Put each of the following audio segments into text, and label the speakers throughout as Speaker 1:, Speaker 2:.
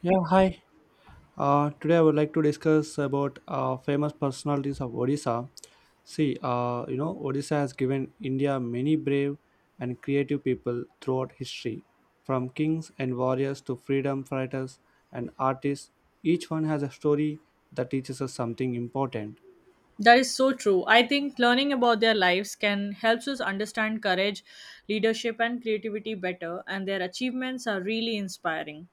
Speaker 1: Yeah, hi. Today I would like to discuss about famous personalities of Odisha. See, you know, Odisha has given India many brave and creative people throughout history. From kings and warriors to freedom fighters and artists, each one has a story that teaches us something important.
Speaker 2: That is so true. I think learning about their lives can helps us understand courage, leadership and creativity better and their achievements are really inspiring.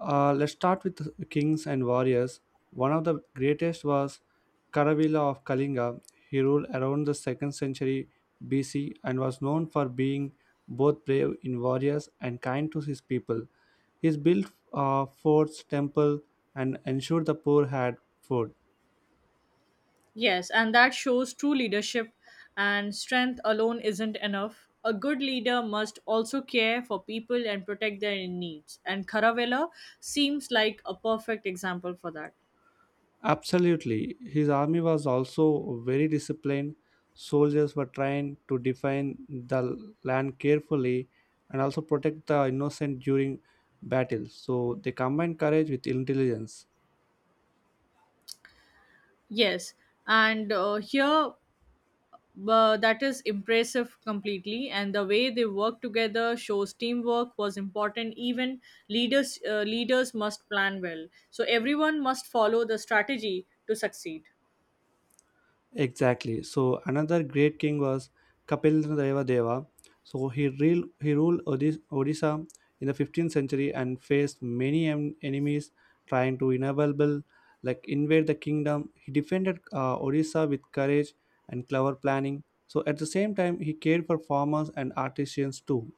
Speaker 1: Let's start with kings and warriors. One of the greatest was Karavila of Kalinga. He ruled around the 2nd century BC and was known for being both brave in warriors and kind to his people. He built forts, temple, and ensured the poor had food.
Speaker 2: Yes, and that shows true leadership and strength alone isn't enough. A good leader must also care for people and protect their needs. And Caravella seems like a perfect example for that.
Speaker 1: Absolutely. His army was also very disciplined. Soldiers were trained to defend the land carefully and also protect the innocent during battles. So they combined courage with intelligence.
Speaker 2: Yes, and here but that is impressive completely and the way they work together shows teamwork was important even leaders leaders must plan well so everyone must follow the strategy to succeed.
Speaker 1: Exactly. So another great king was Kapilendra Deva. So he ruled Odisha in the 15th century and faced many enemies trying to inevitable like invade the kingdom. He defended Odisha with courage and clever planning. So at the same time, he cared for farmers and artisans too.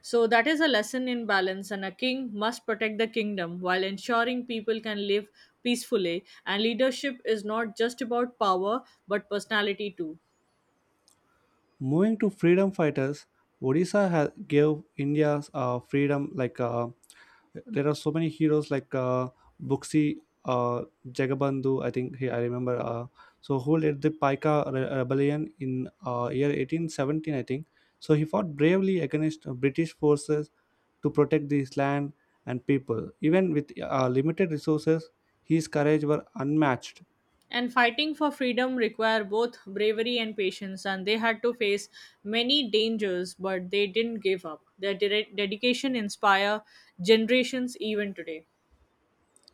Speaker 2: So that is a lesson in balance and a king must protect the kingdom while ensuring people can live peacefully and leadership is not just about power but personality too.
Speaker 1: Moving to freedom fighters, Odisha gave India's freedom like. There are so many heroes like Buxi, Jagabandhu. I think I remember. So who led the Paika rebellion in year 1817? I think. So he fought bravely against British forces to protect his land and people. Even with limited resources, his courage were unmatched.
Speaker 2: And fighting for freedom require both bravery and patience, and they had to face many dangers, but they didn't give up. Their dedication inspire generations even today.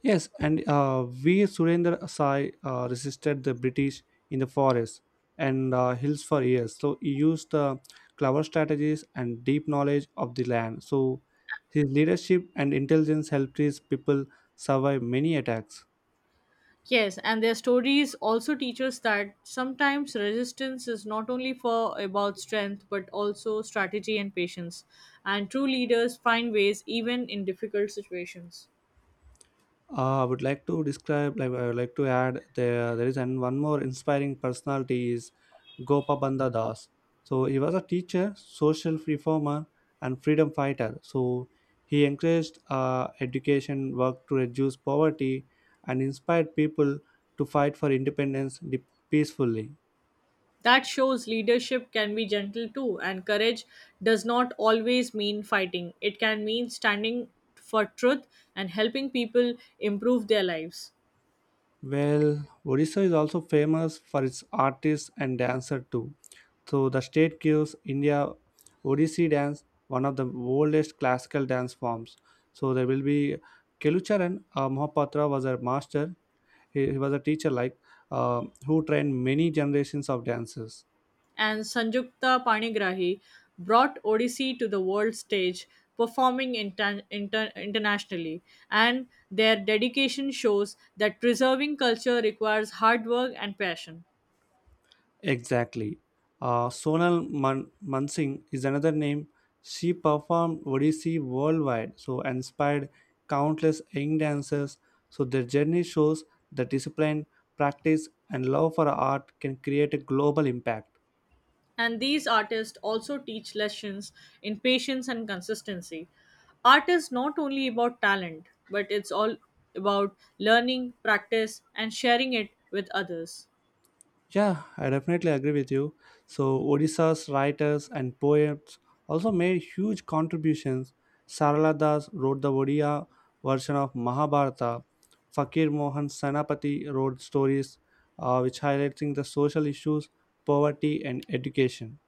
Speaker 1: Yes, and V. Surendra Sai resisted the British in the forest and hills for years. So he used clever strategies and deep knowledge of the land. So his leadership and intelligence helped his people survive many attacks.
Speaker 2: Yes, and their stories also teach us that sometimes resistance is not only for about strength but also strategy and patience. And true leaders find ways even in difficult situations.
Speaker 1: I would like to describe, like, I would like to add there is one more inspiring personality is Gopabandha Das. So he was a teacher, social reformer, and freedom fighter. So he encouraged education work to reduce poverty and inspired people to fight for independence peacefully.
Speaker 2: That shows leadership can be gentle too, and courage does not always mean fighting. It can mean standing for truth and helping people improve their lives.
Speaker 1: Well, Odisha is also famous for its artists and dancer too. So the state gives India Odissi dance, one of the oldest classical dance forms. So there will be Kelucharan Mohapatra was a master. He was a teacher like who trained many generations of dancers.
Speaker 2: And Sanjukta Panigrahi brought Odissi to the world stage, performing internationally. And their dedication shows that preserving culture requires hard work and passion.
Speaker 1: Exactly. Sonal Mansingh is another name. She performed Odissi worldwide, so inspired countless young dancers. So their journey shows the discipline, practice, and love for art can create a global impact.
Speaker 2: And these artists also teach lessons in patience and consistency. Art is not only about talent but it's all about learning practice and sharing it with others.
Speaker 1: Yeah, I definitely agree with you. So, Odisha's writers and poets also made huge contributions. Sarala Das wrote the Odia version of Mahabharata. Fakir Mohan Senapati wrote stories which highlighting the social issues, poverty, and education.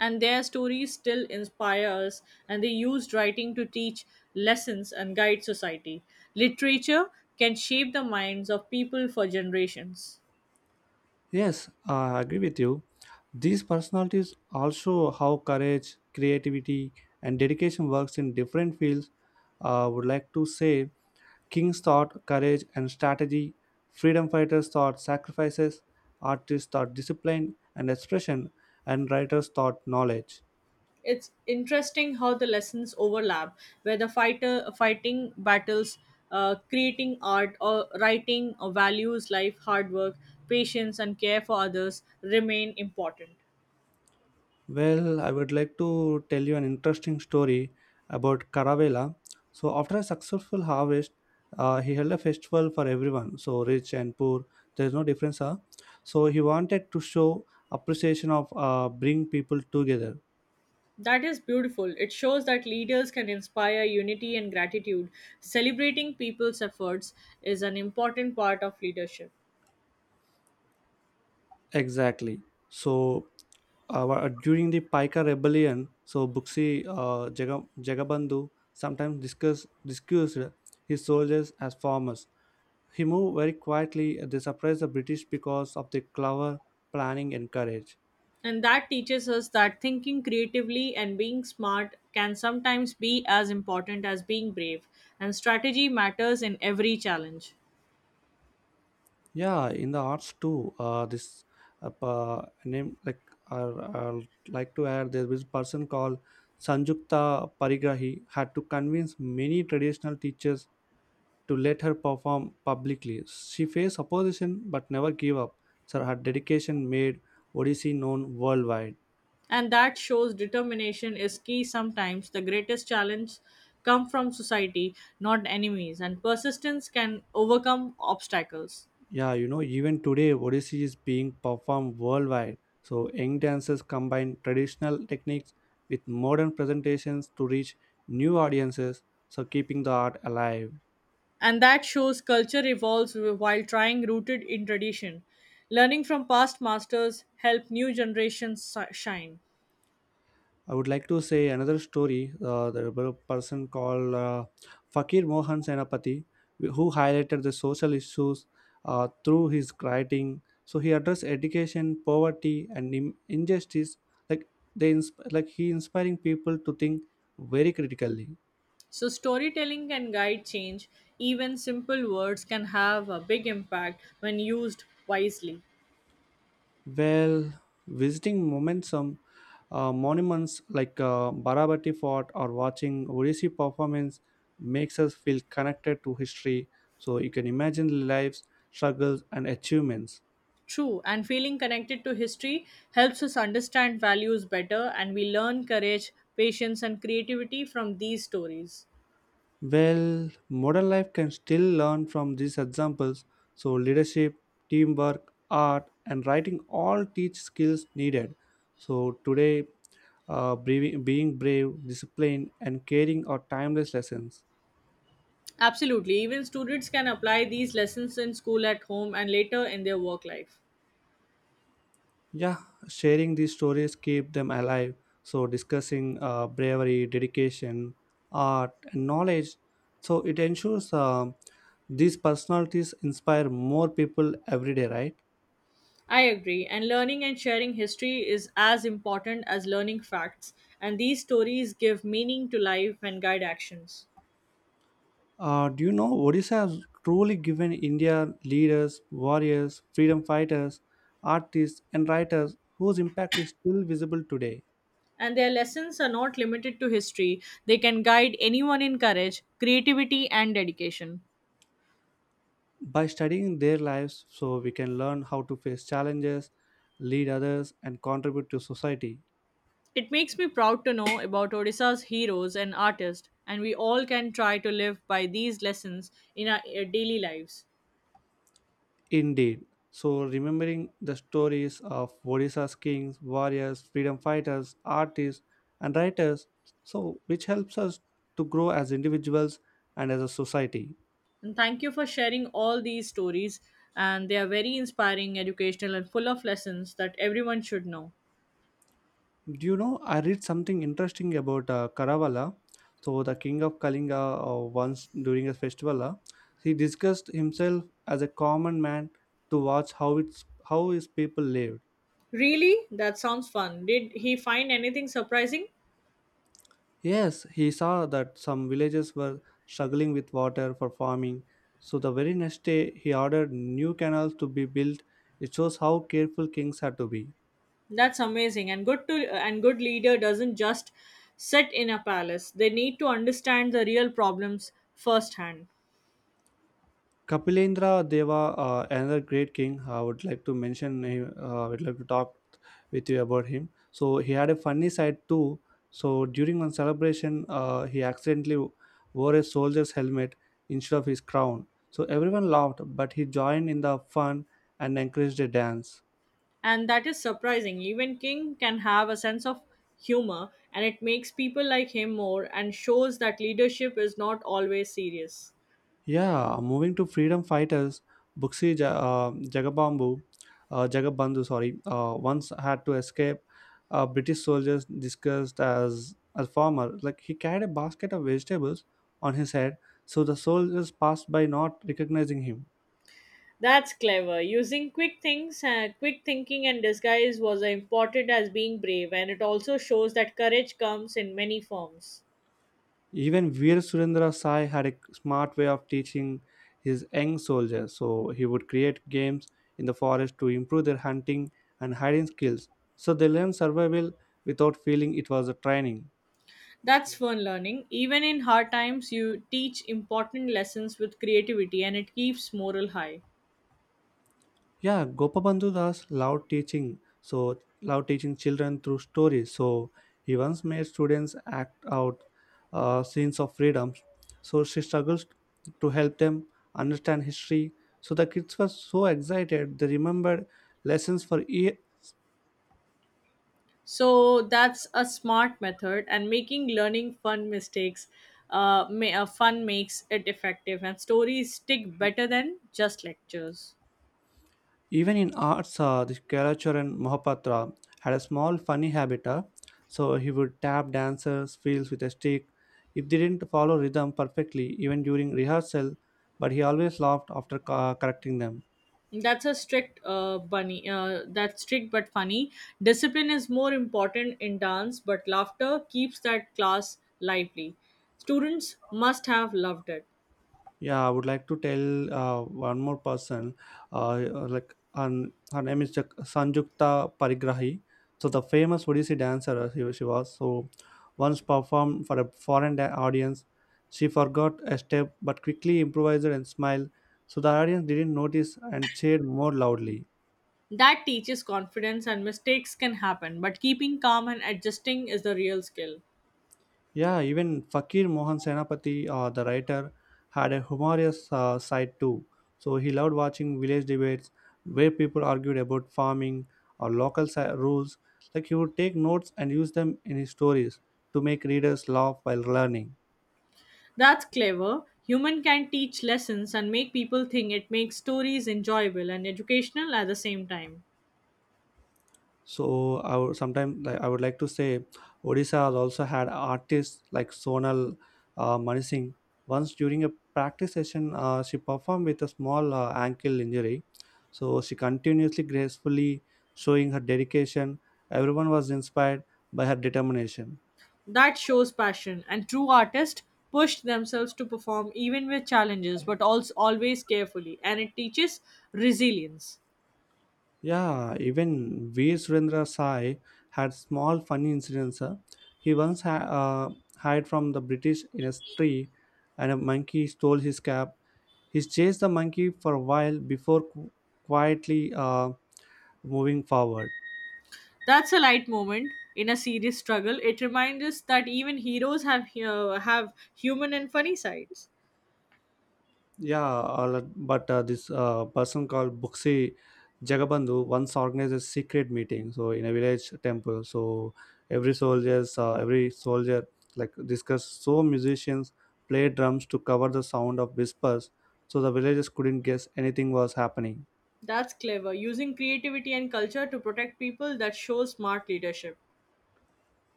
Speaker 2: And their stories still inspire us and they used writing to teach lessons and guide society. Literature can shape the minds of people for generations.
Speaker 1: Yes, I agree with you. These personalities also how courage, creativity, and dedication works in different fields. I would like to say kings thought courage and strategy, freedom fighters thought sacrifices, artists thought discipline and expression, and writers thought knowledge.
Speaker 2: It's interesting how the lessons overlap where the fighter fighting battles, creating art or writing or values life, hard work, patience and care for others remain important.
Speaker 1: Well, I would like to tell you an interesting story about Caravela. So, after a successful harvest, he held a festival for everyone, so rich and poor, there's no difference. Huh? So, he wanted to show appreciation of bring people together.
Speaker 2: That is beautiful. It shows that leaders can inspire unity and gratitude. Celebrating people's efforts is an important part of leadership.
Speaker 1: Exactly. So, during the Paika rebellion, so Buxi Jagabandhu sometimes discussed his soldiers as farmers. He moved very quietly. They surprised the British because of their clever planning and courage.
Speaker 2: And that teaches us that thinking creatively and being smart can sometimes be as important as being brave, and strategy matters in every challenge.
Speaker 1: Yeah, in the arts too. This pa- name like I'd like to add there was a person called Sanjukta Parigrahi had to convince many traditional teachers to let her perform publicly. She faced opposition but never gave up. So her dedication made Odissi known worldwide.
Speaker 2: And that shows determination is key sometimes. The greatest challenge come from society, not enemies, and persistence can overcome obstacles.
Speaker 1: Yeah, you know, even today Odissi is being performed worldwide. So young dancers combine traditional techniques with modern presentations to reach new audiences, so keeping the art alive.
Speaker 2: And that shows culture evolves while trying rooted in tradition. Learning from past masters help new generations shine.
Speaker 1: I would like to say another story. There was a person called Fakir Mohan Senapati who highlighted the social issues through his writing. So he addressed education, poverty, and injustice. Like like he inspiring people to think very critically.
Speaker 2: So, storytelling can guide change. Even simple words can have a big impact when used wisely.
Speaker 1: Well, visiting momentum monuments like Barabati Fort or watching Odissi performance makes us feel connected to history. So you can imagine lives, struggles, and achievements.
Speaker 2: True, and feeling connected to history helps us understand values better, and we learn courage, patience, and creativity from these stories.
Speaker 1: Well, modern life can still learn from these examples. So leadership, teamwork, art, and writing all teach skills needed. So today, being brave, disciplined, and caring are timeless lessons.
Speaker 2: Absolutely, even students can apply these lessons in school, at home, and later in their work life.
Speaker 1: Yeah, sharing these stories keep them alive. So discussing bravery, dedication, art, and knowledge. So it ensures these personalities inspire more people every day, right?
Speaker 2: I agree, and learning and sharing history is as important as learning facts, and these stories give meaning to life and guide actions.
Speaker 1: Do you know Odisha has truly given India leaders, warriors, freedom fighters, artists, and writers whose impact is still visible today?
Speaker 2: And their lessons are not limited to history. They can guide anyone in courage, creativity, and dedication.
Speaker 1: By studying their lives, so we can learn how to face challenges, lead others, and contribute to society.
Speaker 2: It makes me proud to know about Odisha's heroes and artists, and we all can try to live by these lessons in our daily lives.
Speaker 1: Indeed. So, remembering the stories of Odisha's kings, warriors, freedom fighters, artists, and writers, so which helps us to grow as individuals and as a society.
Speaker 2: And thank you for sharing all these stories, and they are very inspiring, educational, and full of lessons that everyone should know.
Speaker 1: Do you know? I read something interesting about Karavala. So, the king of Kalinga, once during a festival, he discussed himself as a common man to watch how his people lived.
Speaker 2: Really? That sounds fun. Did he find anything surprising?
Speaker 1: Yes, he saw that some villages were struggling with water for farming. So the very next day, he ordered new canals to be built. It shows how careful kings had to be.
Speaker 2: That's amazing. And good leader doesn't just sit in a palace. They need to understand the real problems firsthand.
Speaker 1: Kapilendra Deva, another great king, I would like to mention. I would like to talk with you about him. So he had a funny side too. So during one celebration, he accidentally wore a soldier's helmet instead of his crown. So everyone laughed, but he joined in the fun and encouraged a dance.
Speaker 2: And that is surprising. Even king can have a sense of humor and it makes people like him more and shows that leadership is not always serious.
Speaker 1: Yeah, moving to freedom fighters, Buxi Ja- uh, Jagabambu, Jagabandhu, sorry, once had to escape British soldiers disguised as a farmer. Like he carried a basket of vegetables on his head, so the soldiers passed by not recognizing him.
Speaker 2: That's clever. Using quick thinking and disguise was important as being brave and it also shows that courage comes in many forms.
Speaker 1: Even Veer Surendra Sai had a smart way of teaching his young soldiers. So he would create games in the forest to improve their hunting and hiding skills. So they learned survival without feeling it was a training.
Speaker 2: That's fun learning. Even in hard times, you teach important lessons with creativity and it keeps morale high.
Speaker 1: Yeah, Gopabandhu Das loved teaching, so loved teaching children through stories. So he once made students act out scenes of freedom. So she struggles to help them understand history. So the kids were so excited; they remembered lessons for ye.
Speaker 2: So that's a smart method, and making learning fun mistakes, may fun makes it effective, and stories stick better than just lectures.
Speaker 1: Even in arts, the Kalacharan Mohapatra had a small funny habit. So he would tap dancers' fields with a stick if they didn't follow rhythm perfectly, even during rehearsal, but he always laughed after correcting them.
Speaker 2: That's a strict bunny. That's strict but funny. Discipline is more important in dance, but laughter keeps that class lively. Students must have loved it.
Speaker 1: Yeah, I would like to tell one more person, like and her name is Sanjukta Parigrahi. So the famous Odissi dancer she was. So once performed for a foreign audience, she forgot a step but quickly improvised and smiled. So the audience didn't notice and cheered more loudly.
Speaker 2: That teaches confidence and mistakes can happen, but keeping calm and adjusting is the real skill.
Speaker 1: Yeah, even Fakir Mohan Senapati, the writer, had a humorous side too. So he loved watching village debates where people argued about farming or local rules. Like he would take notes and use them in his stories to make readers laugh while learning.
Speaker 2: That's clever. Human can teach lessons and make people think it makes stories enjoyable and educational at the same time.
Speaker 1: So I would sometimes like, I would like to say Odisha has also had artists like Sonal Manisingh. Once during a practice session, she performed with a small ankle injury. So she continuously gracefully showing her dedication. Everyone was inspired by her determination.
Speaker 2: That shows passion, and true artists push themselves to perform even with challenges, but also always carefully, and it teaches resilience.
Speaker 1: Yeah, even V. Surendra Sai had small funny incidents. He once hid from the British in a tree, and a monkey stole his cap. He chased the monkey for a while before quietly moving forward.
Speaker 2: That's a light moment in a serious struggle. It reminds us that even heroes have human and funny sides.
Speaker 1: Yeah, all- but this person called Buksi Jagabandhu once organized a secret meeting. So in a village temple, so every soldier like discussed. So musicians played drums to cover the sound of whispers, so the villagers couldn't guess anything was happening.
Speaker 2: That's clever. Using creativity and culture to protect people that shows smart leadership.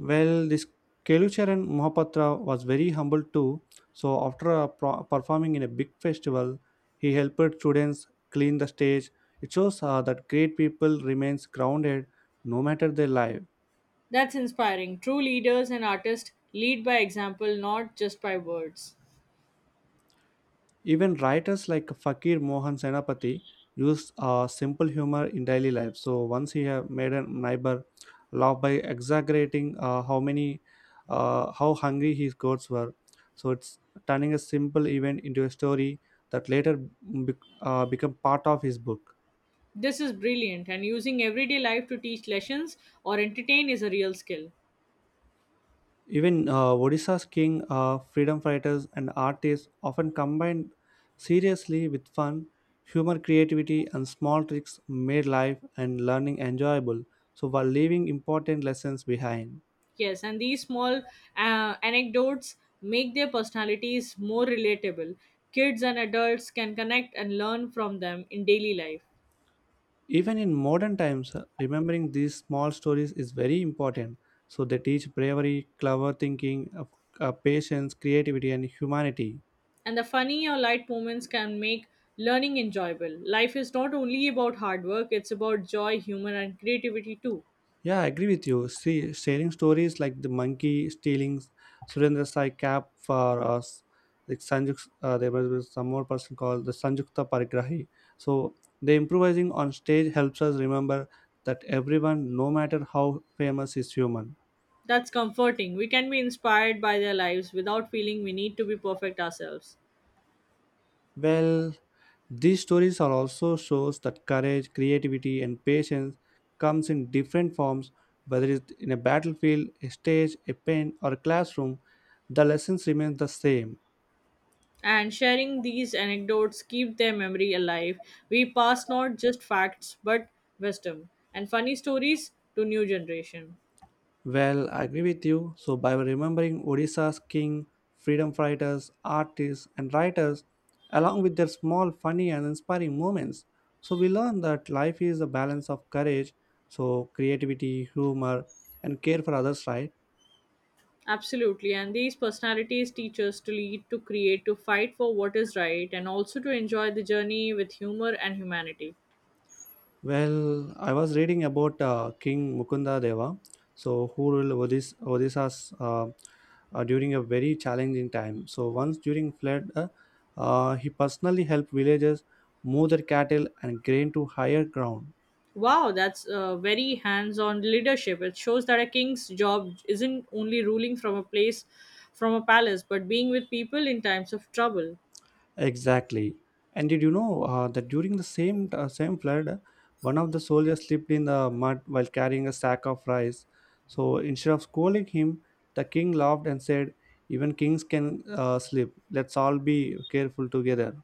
Speaker 1: Well, this Kelucharan Mohapatra was very humble too. So, after a performing in a big festival, he helped students clean the stage. It shows that great people remains grounded no matter their life.
Speaker 2: That's inspiring. True leaders and artists lead by example, not just by words.
Speaker 1: Even writers like Fakir Mohan Senapati used simple humor in daily life. So once he had made a neighbor laugh by exaggerating how hungry his goats were. So it's turning a simple event into a story that later be- become part of his book.
Speaker 2: This is brilliant, and using everyday life to teach lessons or entertain is a real skill.
Speaker 1: Even Odisha's king, freedom fighters, and artists often combined seriously with fun, humor, creativity, and small tricks made life and learning enjoyable, so while leaving important lessons behind.
Speaker 2: Yes, and these small anecdotes make their personalities more relatable. Kids and adults can connect and learn from them in daily life.
Speaker 1: Even in modern times, remembering these small stories is very important. So they teach bravery, clever thinking, patience, creativity, and humanity.
Speaker 2: And the funny or light moments can make learning enjoyable. Life is not only about hard work, it's about joy, humor, and creativity too.
Speaker 1: Yeah, I agree with you. See, sharing stories like the monkey stealing Surendra Sai cap for us, like there was some more person called the Sanjukta Parigrahi. So the improvising on stage helps us remember that everyone, no matter how famous, is human.
Speaker 2: That's comforting. We can be inspired by their lives without feeling we need to be perfect ourselves.
Speaker 1: Well, these stories are also shows that courage, creativity, and patience comes in different forms, whether it's in a battlefield, a stage, a pen, or a classroom. The lessons remain the same.
Speaker 2: And sharing these anecdotes keep their memory alive. We pass not just facts but wisdom and funny stories to new generation.
Speaker 1: Well, I agree with you. By remembering Odisha's king, freedom fighters, artists, and writers, along with their small, funny, and inspiring moments, we learn that life is a balance of courage, creativity, humor, and care for others, right?
Speaker 2: Absolutely. And these personalities teach us to lead, to create, to fight for what is right, and also to enjoy the journey with humor and humanity.
Speaker 1: Well, I was reading about King Mukunda Deva, who ruled Odisha's during a very challenging time. So once during flood, he personally helped villagers move their cattle and grain to higher ground.
Speaker 2: Wow, that's very hands on leadership. It shows that a king's job isn't only ruling from a place, from a palace, but being with people in times of trouble.
Speaker 1: Exactly. And did you know that during the same flood, one of the soldiers slipped in the mud while carrying a sack of rice. So instead of scolding him, the king laughed and said, "Even kings can slip. Let's all be careful together."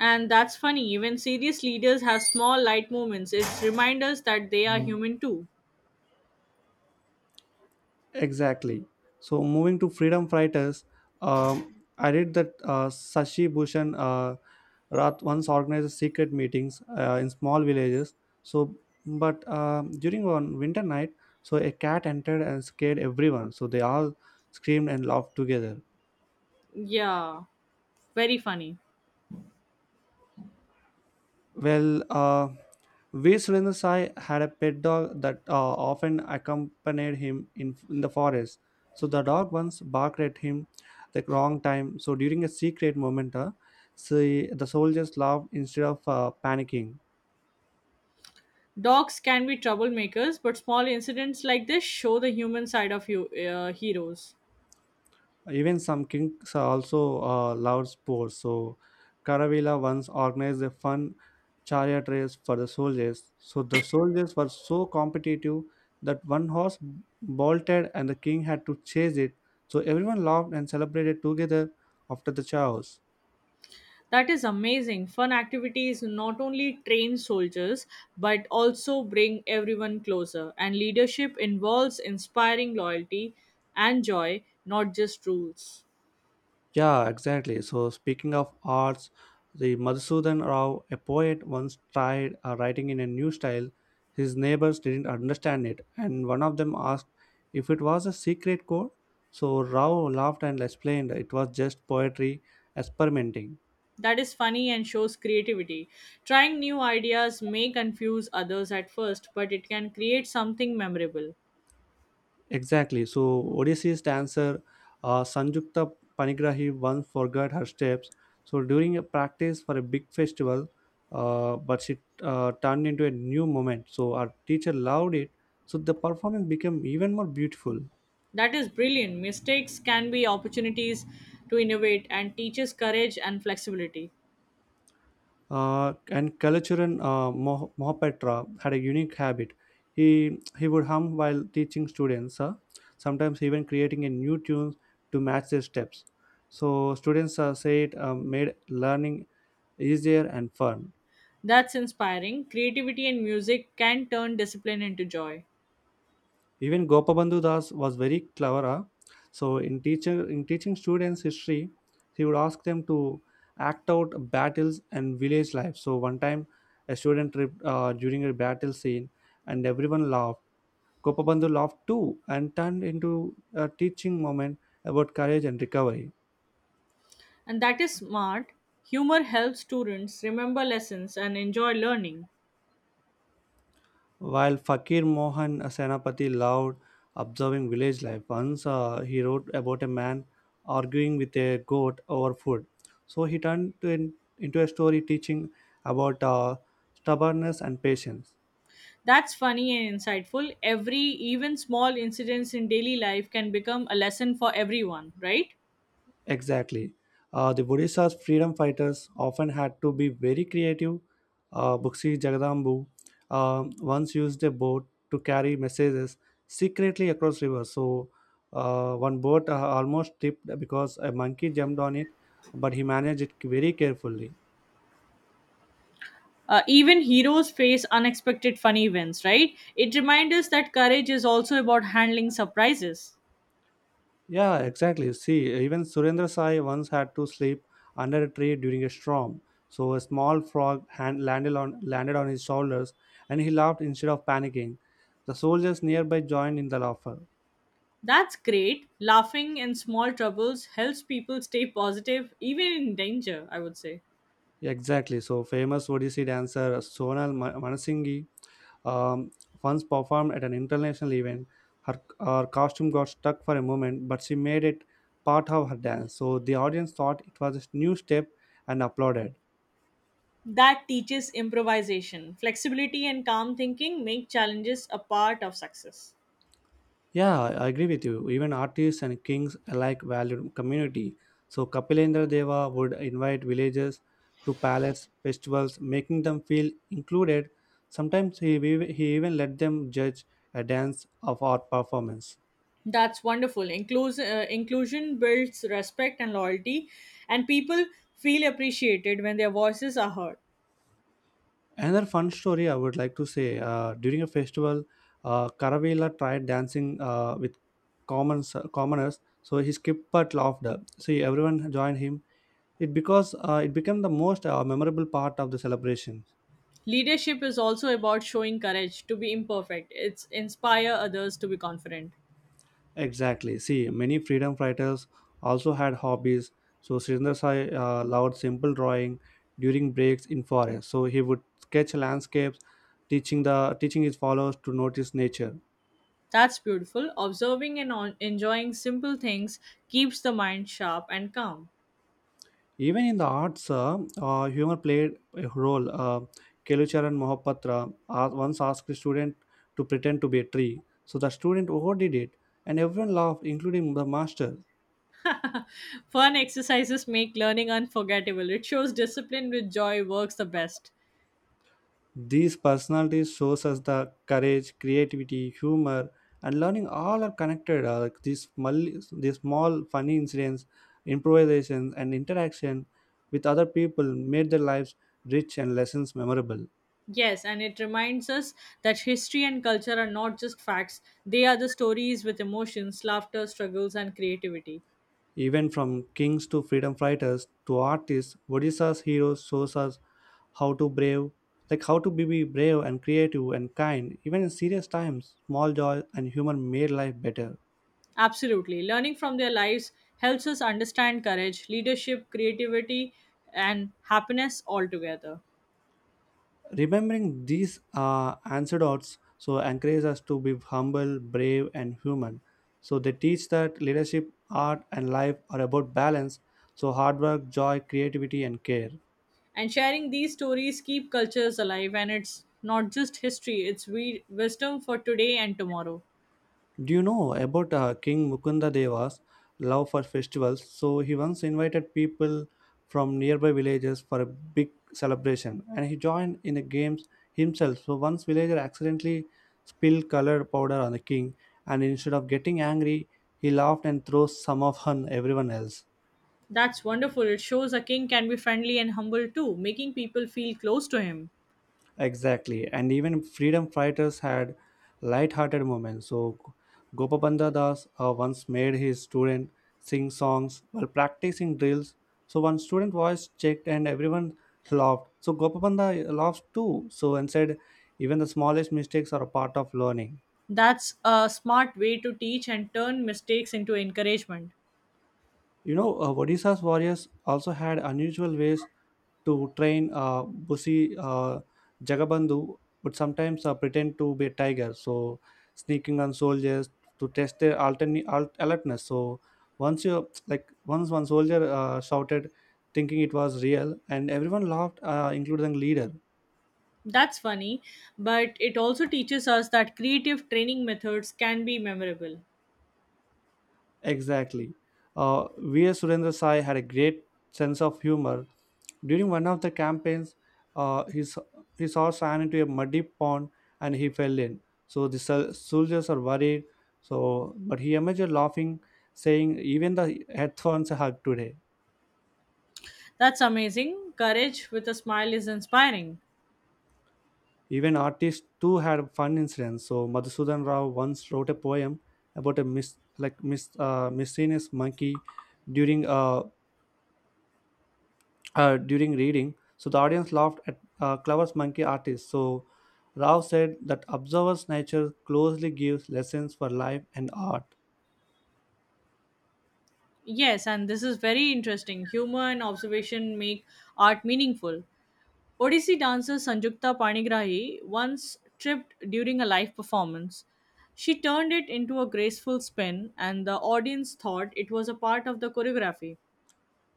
Speaker 2: And that's funny. Even serious leaders have small, light moments. It's reminders that they are human too.
Speaker 1: Exactly. So moving to freedom fighters, I read that Sashi Bhushan Rath once organized secret meetings in small villages. So, but During one winter night, so a cat entered and scared everyone. So they all screamed and laughed together.
Speaker 2: Yeah, very funny.
Speaker 1: Well, uh, V. Surendasai had a pet dog that often accompanied him in the forest. So the dog once barked at him the wrong time. So during a secret moment, see, the soldiers laughed instead of panicking.
Speaker 2: Dogs can be troublemakers, but small incidents like this show the human side of heroes.
Speaker 1: Even some kings also love sports. So Karavila once organized a fun chariot race for the soldiers. So the soldiers were so competitive that one horse bolted and the king had to chase it. So everyone laughed and celebrated together after the chaos.
Speaker 2: That is amazing. Fun activities not only train soldiers but also bring everyone closer. And leadership involves inspiring loyalty and joy, not just rules.
Speaker 1: Yeah, exactly. So, speaking of arts, the Madhusudan Rao, a poet, once tried writing in a new style. His neighbors didn't understand it, and one of them asked if it was a secret code. So Rao laughed and explained it was just poetry experimenting.
Speaker 2: That is funny and shows creativity. Trying new ideas may confuse others at first, but it can create something memorable.
Speaker 1: Exactly. So Odysseus' dancer, Sanjukta Panigrahi, once forgot her steps. So during a practice for a big festival, but she turned into a new moment. So our teacher loved it. So the performance became even more beautiful.
Speaker 2: That is brilliant. Mistakes can be opportunities to innovate and teaches courage and flexibility.
Speaker 1: And Kalachuran Mohapatra had a unique habit. He would hum while teaching students, sometimes even creating a new tune to match their steps. So students say made learning easier and fun.
Speaker 2: That's inspiring. Creativity and music can turn discipline into joy.
Speaker 1: Even Gopabandhu Das was very clever. In teaching students history, he would ask them to act out battles and village life. So one time, a student tripped during a battle scene, and everyone laughed. Gopabandhu laughed too and turned into a teaching moment about courage and recovery.
Speaker 2: And that is smart. Humor helps students remember lessons and enjoy learning.
Speaker 1: While Fakir Mohan Senapati loved observing village life, once he wrote about a man arguing with a goat over food. So he turned into a story teaching about stubbornness and patience.
Speaker 2: That's funny and insightful. Even small incidents in daily life can become a lesson for everyone, right?
Speaker 1: Exactly. The Odisha's freedom fighters often had to be very creative. Buxi Jagadambu once used a boat to carry messages secretly across rivers. One boat almost tipped because a monkey jumped on it, but he managed it very carefully.
Speaker 2: Even heroes face unexpected funny events, right? It reminds us that courage is also about handling surprises.
Speaker 1: Yeah, exactly. See, even Surendra Sai once had to sleep under a tree during a storm. So a small frog hand landed on his shoulders, and he laughed instead of panicking. The soldiers nearby joined in the laughter.
Speaker 2: That's great. Laughing in small troubles helps people stay positive even in danger, I would say.
Speaker 1: Exactly. So famous Odissi dancer Manasinghi um, once performed at an international event. Her costume got stuck for a moment, but she made it part of her dance. So the audience thought it was a new step and applauded.
Speaker 2: That teaches improvisation. Flexibility and calm thinking make challenges a part of success.
Speaker 1: Yeah, I agree with you. Even artists and kings alike valued community. So Kapilendra Deva would invite villagers to palace festivals, making them feel included. Sometimes he even let them judge a dance of art performance.
Speaker 2: That's wonderful. Inclusion builds respect and loyalty, and people feel appreciated when their voices are heard.
Speaker 1: Another fun story I would like to say during a festival, Karavela tried dancing with commoners, so he skipped but laughed. See, everyone joined him. It became the most memorable part of the celebration.
Speaker 2: Leadership is also about showing courage to be imperfect. It's inspire others to be confident.
Speaker 1: Exactly. See, many freedom fighters also had hobbies. So Srindarsai loved simple drawing during breaks in forest. So he would sketch landscapes, teaching his followers to notice nature.
Speaker 2: That's beautiful. Observing and enjoying simple things keeps the mind sharp and calm.
Speaker 1: Even in the arts, humor played a role. Kelucharan Mohapatra once asked a student to pretend to be a tree. So the student overdid it, and everyone laughed, including the master.
Speaker 2: Fun exercises make learning unforgettable. It shows discipline with joy works the best.
Speaker 1: These personalities shows us the courage, creativity, humor, and learning all are connected. Like these small funny incidents, improvisations, and interaction with other people made their lives rich and lessons memorable.
Speaker 2: Yes, and it reminds us that history and culture are not just facts, they are the stories with emotions, laughter, struggles, and creativity.
Speaker 1: Even from kings to freedom fighters to artists, Odisha's heroes shows us how to brave, like how to be brave and creative and kind. Even in serious times, small joy and humor made life better.
Speaker 2: Absolutely. Learning from their lives helps us understand courage, leadership, creativity, and happiness altogether.
Speaker 1: Remembering these anecdotes so encourages us to be humble, brave, and human. So they teach that leadership, art, and life are about balance. So hard work, joy, creativity, and care.
Speaker 2: And sharing these stories keep cultures alive and it's not just history, it's wisdom for today and tomorrow.
Speaker 1: Do you know about King Mukunda Deva's love for festivals? So he once invited people from nearby villages for a big celebration and he joined in the games himself. So once villager accidentally spilled colored powder on the king and instead of getting angry, he laughed and threw some of on everyone else.
Speaker 2: That's wonderful. It shows a king can be friendly and humble too, making people feel close to him.
Speaker 1: Exactly. And even freedom fighters had light-hearted moments. So Gopabandha Das once made his student sing songs while practicing drills. So one student voice checked and everyone laughed. So Gopabandha laughed too. So and said, even the smallest mistakes are a part of learning.
Speaker 2: That's a smart way to teach and turn mistakes into encouragement.
Speaker 1: You know, Odisha's warriors also had unusual ways to train. Busi Jagabandhu would sometimes pretend to be a tiger, so sneaking on soldiers to test their alertness. So once you like once one soldier shouted, thinking it was real, and everyone laughed, including the leader.
Speaker 2: That's funny but it also teaches us that creative training methods can be memorable.
Speaker 1: Exactly. V.S. Surendra Sai had a great sense of humor. During one of the campaigns, uh, he, saw, he saw sand into a muddy pond and he fell in. So the soldiers are worried. But he emerged laughing, saying, "Even the headphones hug today."
Speaker 2: That's amazing, courage with a smile is inspiring.
Speaker 1: Even artists too had fun incidents. So Madhusudan Rao once wrote a poem about a miscellaneous monkey during a during reading. So the audience laughed at Clover's monkey artist. So Rao said that observer's nature closely gives lessons for life and art.
Speaker 2: Yes, and this is very interesting. Humor and observation make art meaningful. Odissi dancer Sanjukta Panigrahi once tripped during a live performance. She turned it into a graceful spin, and the audience thought it was a part of the choreography.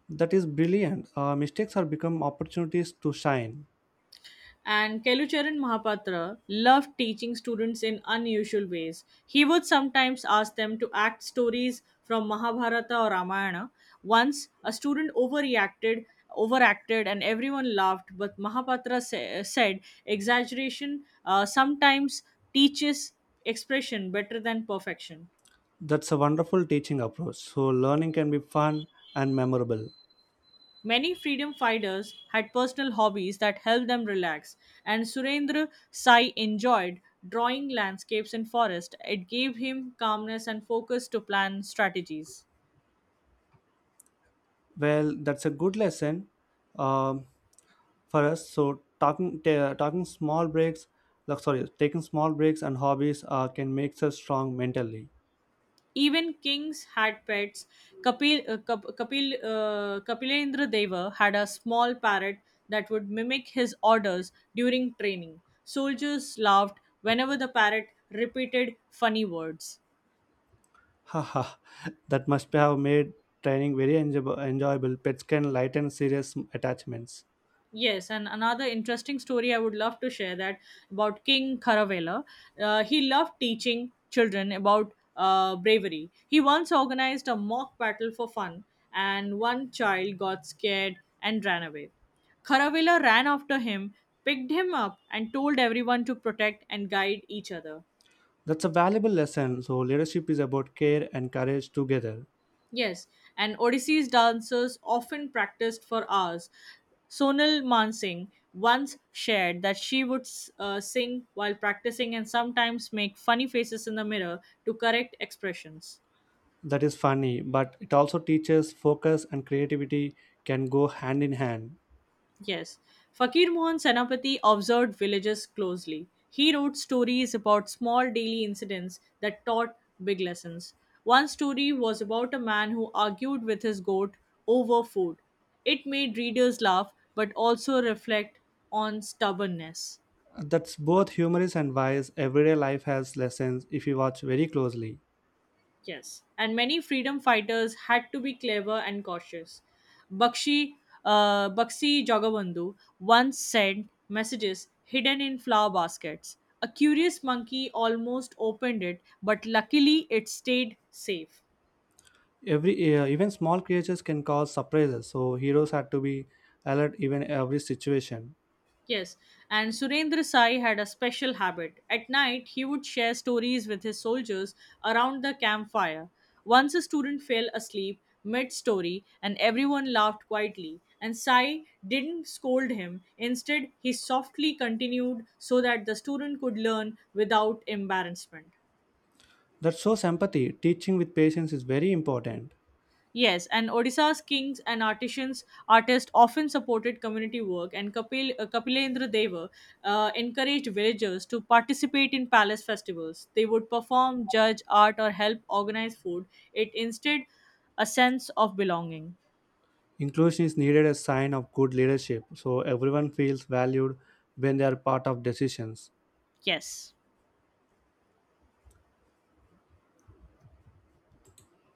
Speaker 1: That is brilliant. Mistakes are become opportunities to shine.
Speaker 2: And Kelucharan Mahapatra loved teaching students in unusual ways. He would sometimes ask them to act stories from Mahabharata or Ramayana. Once, a student overacted, and everyone laughed, but Mahapatra said exaggeration sometimes teaches expression better than perfection.
Speaker 1: That's a wonderful teaching approach. So learning can be fun and memorable.
Speaker 2: Many freedom fighters had personal hobbies that helped them relax, and Surendra Sai enjoyed drawing landscapes and forests. It gave him calmness and focus to plan strategies.
Speaker 1: Well, that's a good lesson um, for us. So talking ta- talking small breaks, like, sorry, taking small breaks and hobbies can make us strong mentally.
Speaker 2: Even kings had pets. Kapilendra Deva had a small parrot that would mimic his orders during training. Soldiers laughed whenever the parrot repeated funny words.
Speaker 1: Haha, that must have made training very enjoyable. Pets can lighten serious attachments.
Speaker 2: Yes, and another interesting story I would love to share that about King Karavela. He loved teaching children about bravery. He once organized a mock battle for fun, and one child got scared and ran away. Karavela ran after him, picked him up, and told everyone to protect and guide each other.
Speaker 1: That's a valuable lesson. So leadership is about care and courage together.
Speaker 2: Yes, and Odissee's dancers often practiced for hours. Sonal Mansingh once shared that she would sing while practicing and sometimes make funny faces in the mirror to correct expressions.
Speaker 1: That is funny, but it also teaches focus and creativity can go hand in hand.
Speaker 2: Yes. Fakir Mohan Senapati observed villages closely. He wrote stories about small daily incidents that taught big lessons. One story was about a man who argued with his goat over food. It made readers laugh but also reflect on stubbornness.
Speaker 1: That's both humorous and wise. Everyday life has lessons if you watch very closely.
Speaker 2: Yes, and many freedom fighters had to be clever and cautious. Bakshi, Bakshi Jagabandhu once sent messages hidden in flower baskets. A curious monkey almost opened it, but luckily it stayed safe.
Speaker 1: Every even small creatures can cause surprises, so heroes had to be alert even every situation.
Speaker 2: Yes, and Surendra Sai had a special habit. At night, he would share stories with his soldiers around the campfire. Once a student fell asleep mid story, and everyone laughed quietly. And Sai didn't scold him, instead, he softly continued so that the student could learn without embarrassment.
Speaker 1: That shows empathy. Teaching with patience is very important.
Speaker 2: Yes, and Odisha's artists often supported community work, and Kapilendra Deva encouraged villagers to participate in palace festivals. They would perform, judge art, or help organize food. It instead a sense of belonging.
Speaker 1: Inclusion is needed as sign of good leadership, so everyone feels valued when they are part of decisions.
Speaker 2: Yes.